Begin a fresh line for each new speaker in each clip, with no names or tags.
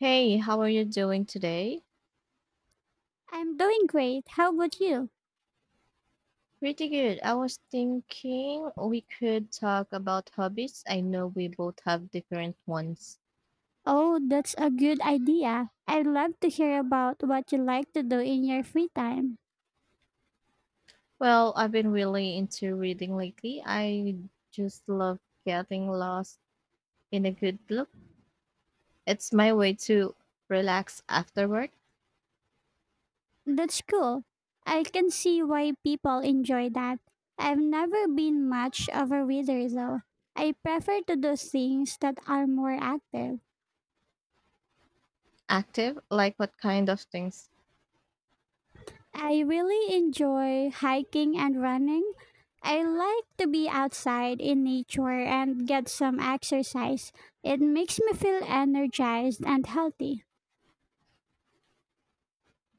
Hey, how are you doing today?
I'm doing great. How about you?
Pretty good. I was thinking we could talk about hobbies. I know we both have different ones.
Oh, that's a good idea. I'd love to hear about what you like to do in your free time.
Well, I've been really into reading lately. I just love getting lost in a good book. It's my way to relax after work.
That's cool. I can see why people enjoy that. I've never been much of a reader though. I prefer to do things that are more active.
Active, like what kind of things?
I really enjoy hiking and running. I like to be outside in nature and get some exercise. It makes me feel energized and healthy.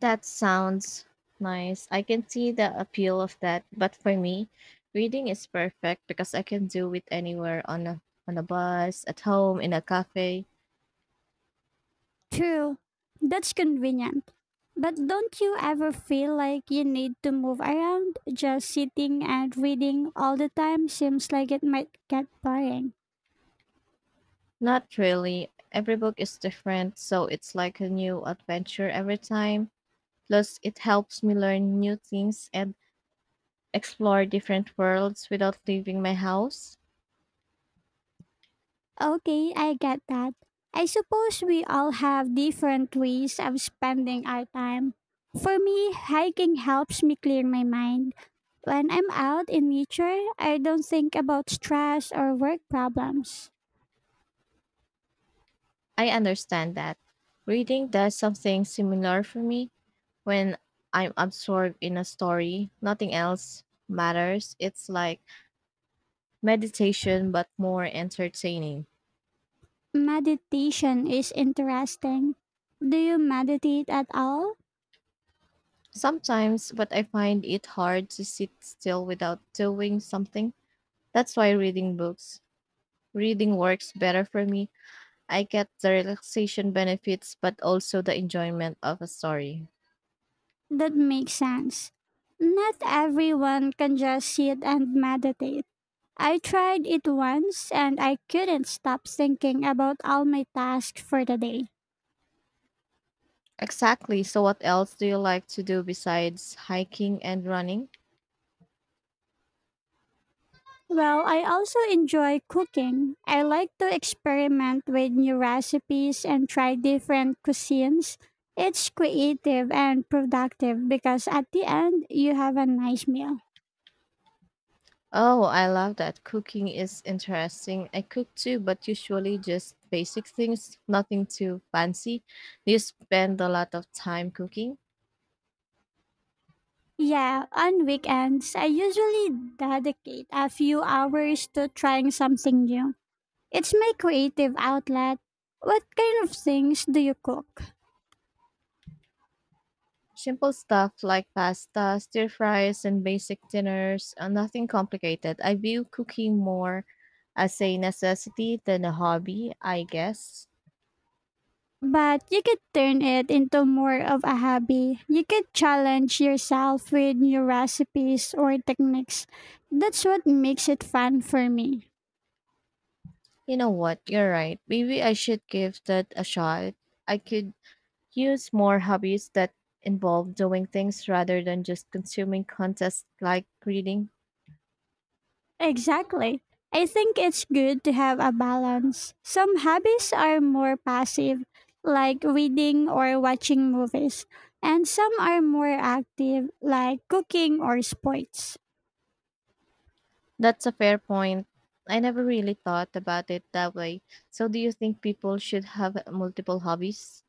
That sounds nice. I can see the appeal of that, but for me, reading is perfect because I can do it anywhere, on a bus, at home, in a cafe.
True. That's convenient. But don't you ever feel like you need to move around? Just sitting and reading all the time seems like it might get boring.
Not really. Every book is different, so it's like a new adventure every time. Plus, it helps me learn new things and explore different worlds without leaving my house.
Okay, I get that. I suppose we all have different ways of spending our time. For me, hiking helps me clear my mind. When I'm out in nature, I don't think about stress or work problems.
I understand that. Reading does something similar for me. When I'm absorbed in a story, nothing else matters. It's like meditation, but more entertaining.
Meditation is interesting. Do you meditate at all?
Sometimes, but I find it hard to sit still without doing something. That's why reading works better for me. I get the relaxation benefits, but also the enjoyment of a story.
That makes sense. Not everyone can just sit and meditate. I tried it once and I couldn't stop thinking about all my tasks for the day.
Exactly. So, what else do you like to do besides hiking and running?
Well, I also enjoy cooking. I like to experiment with new recipes and try different cuisines. It's creative and productive because at the end, you have a nice meal.
Oh, I love that. Cooking is interesting. I cook too, but usually just basic things, nothing too fancy. Do you spend a lot of time cooking?
Yeah, on weekends, I usually dedicate a few hours to trying something new. It's my creative outlet. What kind of things do you cook?
Simple stuff like pasta, stir fries, and basic dinners, nothing complicated. I view cooking more as a necessity than a hobby, I guess.
But you could turn it into more of a hobby. You could challenge yourself with new recipes or techniques. That's what makes it fun for me.
You know what? You're right. Maybe I should give that a shot. I could use more hobbies that involve doing things rather than just consuming contests like reading.
Exactly. I think it's good to have a balance. Some hobbies are more passive, like reading or watching movies, and some are more active, like cooking or sports.
That's a fair point. I never really thought about it that way. So, do you think people should have multiple hobbies?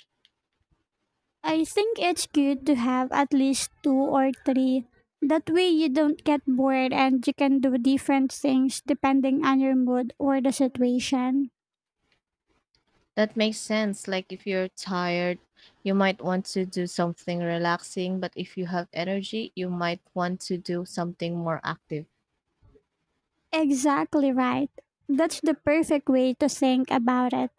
I think it's good to have at least two or three. That way, you don't get bored and you can do different things depending on your mood or the situation.
That makes sense. Like, if you're tired, you might want to do something relaxing, but if you have energy, you might want to do something more active.
Exactly right. That's the perfect way to think about it.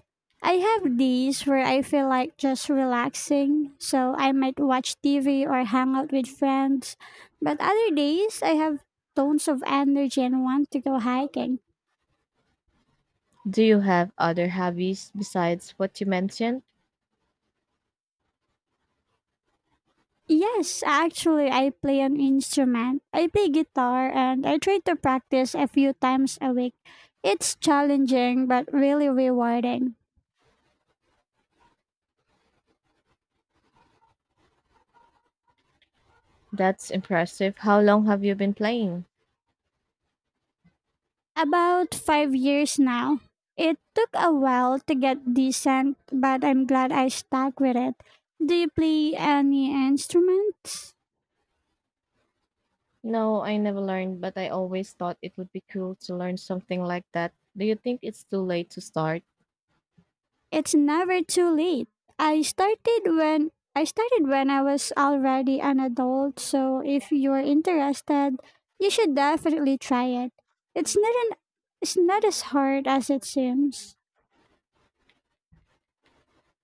I have days where I feel like just relaxing, so I might watch TV or hang out with friends. But other days, I have tons of energy and want to go hiking.
Do you have other hobbies besides what you mentioned?
Yes, actually, I play an instrument. I play guitar and I try to practice a few times a week. It's challenging but really rewarding.
That's impressive. How long have you been playing?
About 5 years now. It took a while to get decent, but I'm glad I stuck with it. Do you play any instruments?
No, I never learned, but I always thought it would be cool to learn something like that. Do you think it's too late to start?
It's never too late. I started when I was already an adult, so if you're interested, you should definitely try it. It's not an it's not as hard as it seems.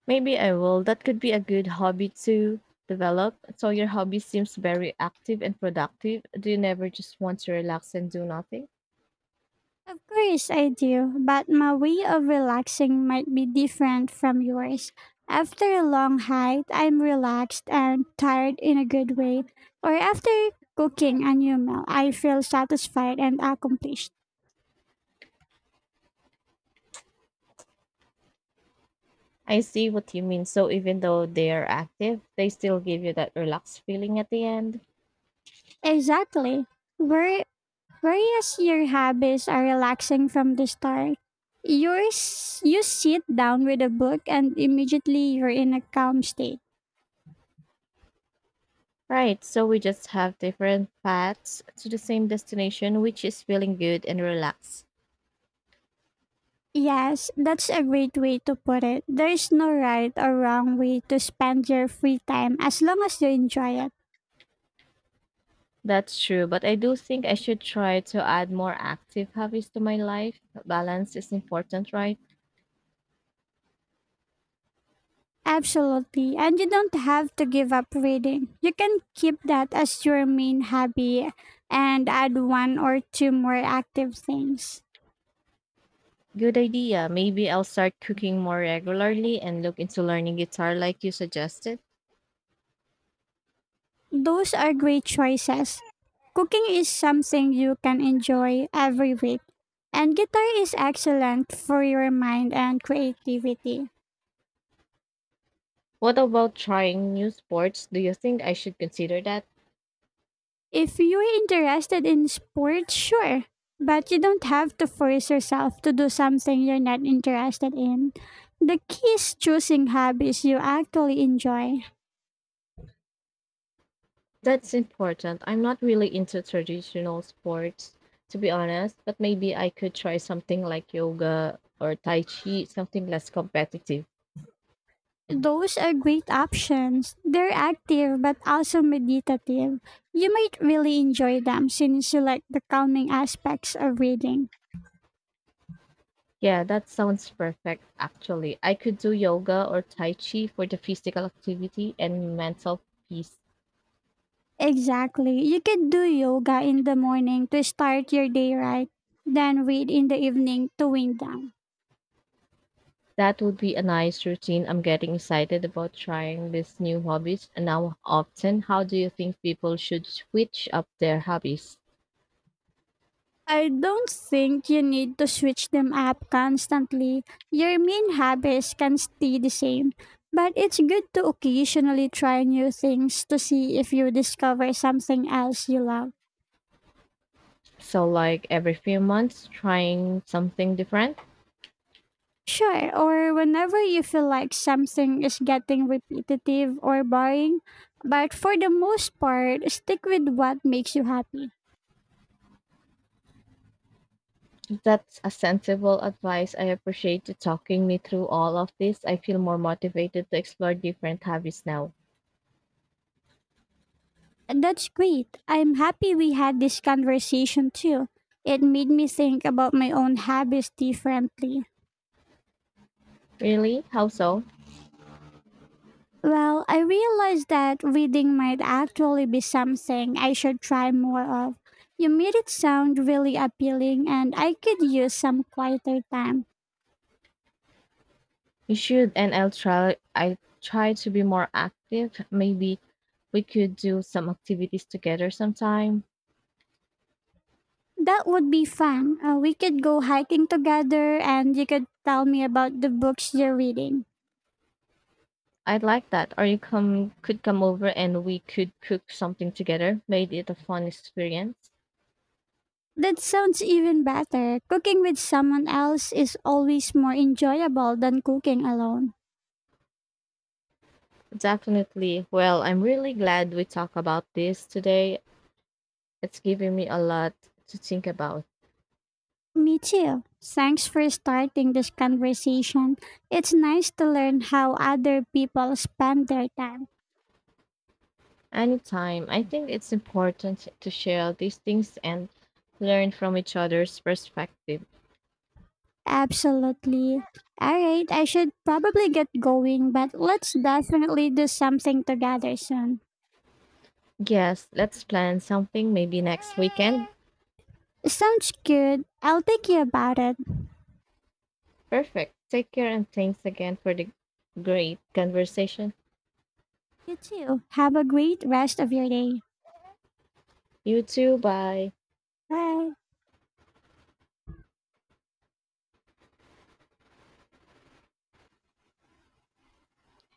Maybe I will. That could be a good hobby to develop. So your hobby seems very active and productive. Do you never just want to relax and do nothing?
Of course, I do, but my way of relaxing might be different from yours. After a long hike, I'm relaxed and tired in a good way. Or after cooking a new meal, I feel satisfied and accomplished.
I see what you mean. So even though they are active, they still give you that relaxed feeling at the end.
Exactly. Where, Whereas your habits are relaxing from the start, yours you sit down with a book and immediately you're in a calm state.
Right, so we just have different paths to the same destination, which is feeling good and relaxed.
Yes, that's a great way to put it. There is no right or wrong way to spend your free time as long as you enjoy it.
That's true, but I do think I should try to add more active hobbies to my life. Balance is important, right?
Absolutely. And you don't have to give up reading. You can keep that as your main hobby and add one or two more active things.
Good idea. Maybe I'll start cooking more regularly and look into learning guitar like you suggested.
Those are great choices. Cooking is something you can enjoy every week. And guitar is excellent for your mind and creativity.
What about trying new sports? Do you think I should consider that?
If you're interested in sports, sure. But you don't have to force yourself to do something you're not interested in. The key is choosing hobbies you actually enjoy.
That's important. I'm not really into traditional sports, to be honest, but maybe I could try something like yoga or tai chi, something less competitive.
Those are great options. They're active but also meditative. You might really enjoy them since you like the calming aspects of reading.
Yeah, that sounds perfect, actually. I could do yoga or Tai Chi for the physical activity and mental peace.
Exactly. You could do yoga in the morning to start your day right, then read in the evening to wind down.
That would be a nice routine. I'm getting excited about trying these new hobbies. And now, often, how do you think people should switch up their hobbies?
I don't think you need to switch them up constantly. Your main habits can stay the same, but it's good to occasionally try new things to see if you discover something else you love.
So, like every few months, trying something different?
Sure, or whenever you feel like something is getting repetitive or boring, but for the most part, stick with what makes you happy.
That's a sensible advice. I appreciate you talking me through all of this. I feel more motivated to explore different hobbies now.
That's great. I'm happy we had this conversation too. It made me think about my own habits differently.
Really? How so?
Well, I realized that reading might actually be something I should try more of. You made it sound really appealing, and I could use some quieter time.
You should, and I'll try. I try to be more active. Maybe we could do some activities together sometime.
That would be fun. We could go hiking together, and you could tell me about the books you're reading.
I'd like that. Or you come could come over and we could cook something together. Made it a fun experience.
That sounds even better. Cooking with someone else is always more enjoyable than cooking alone.
Definitely. Well, I'm really glad we talked about this today. It's giving me a lot to think about.
Me too. Thanks for starting this conversation. It's nice to learn how other people spend their time.
Anytime, I think it's important to share these things and learn from each other's perspective.
Absolutely. All right, I should probably get going, but let's definitely do something together soon.
Yes, let's plan something maybe next weekend.
Sounds good. I'll think you about it.
Perfect. Take care and thanks again for the great conversation.
You too. Have a great rest of your day.
You too. Bye.
Bye.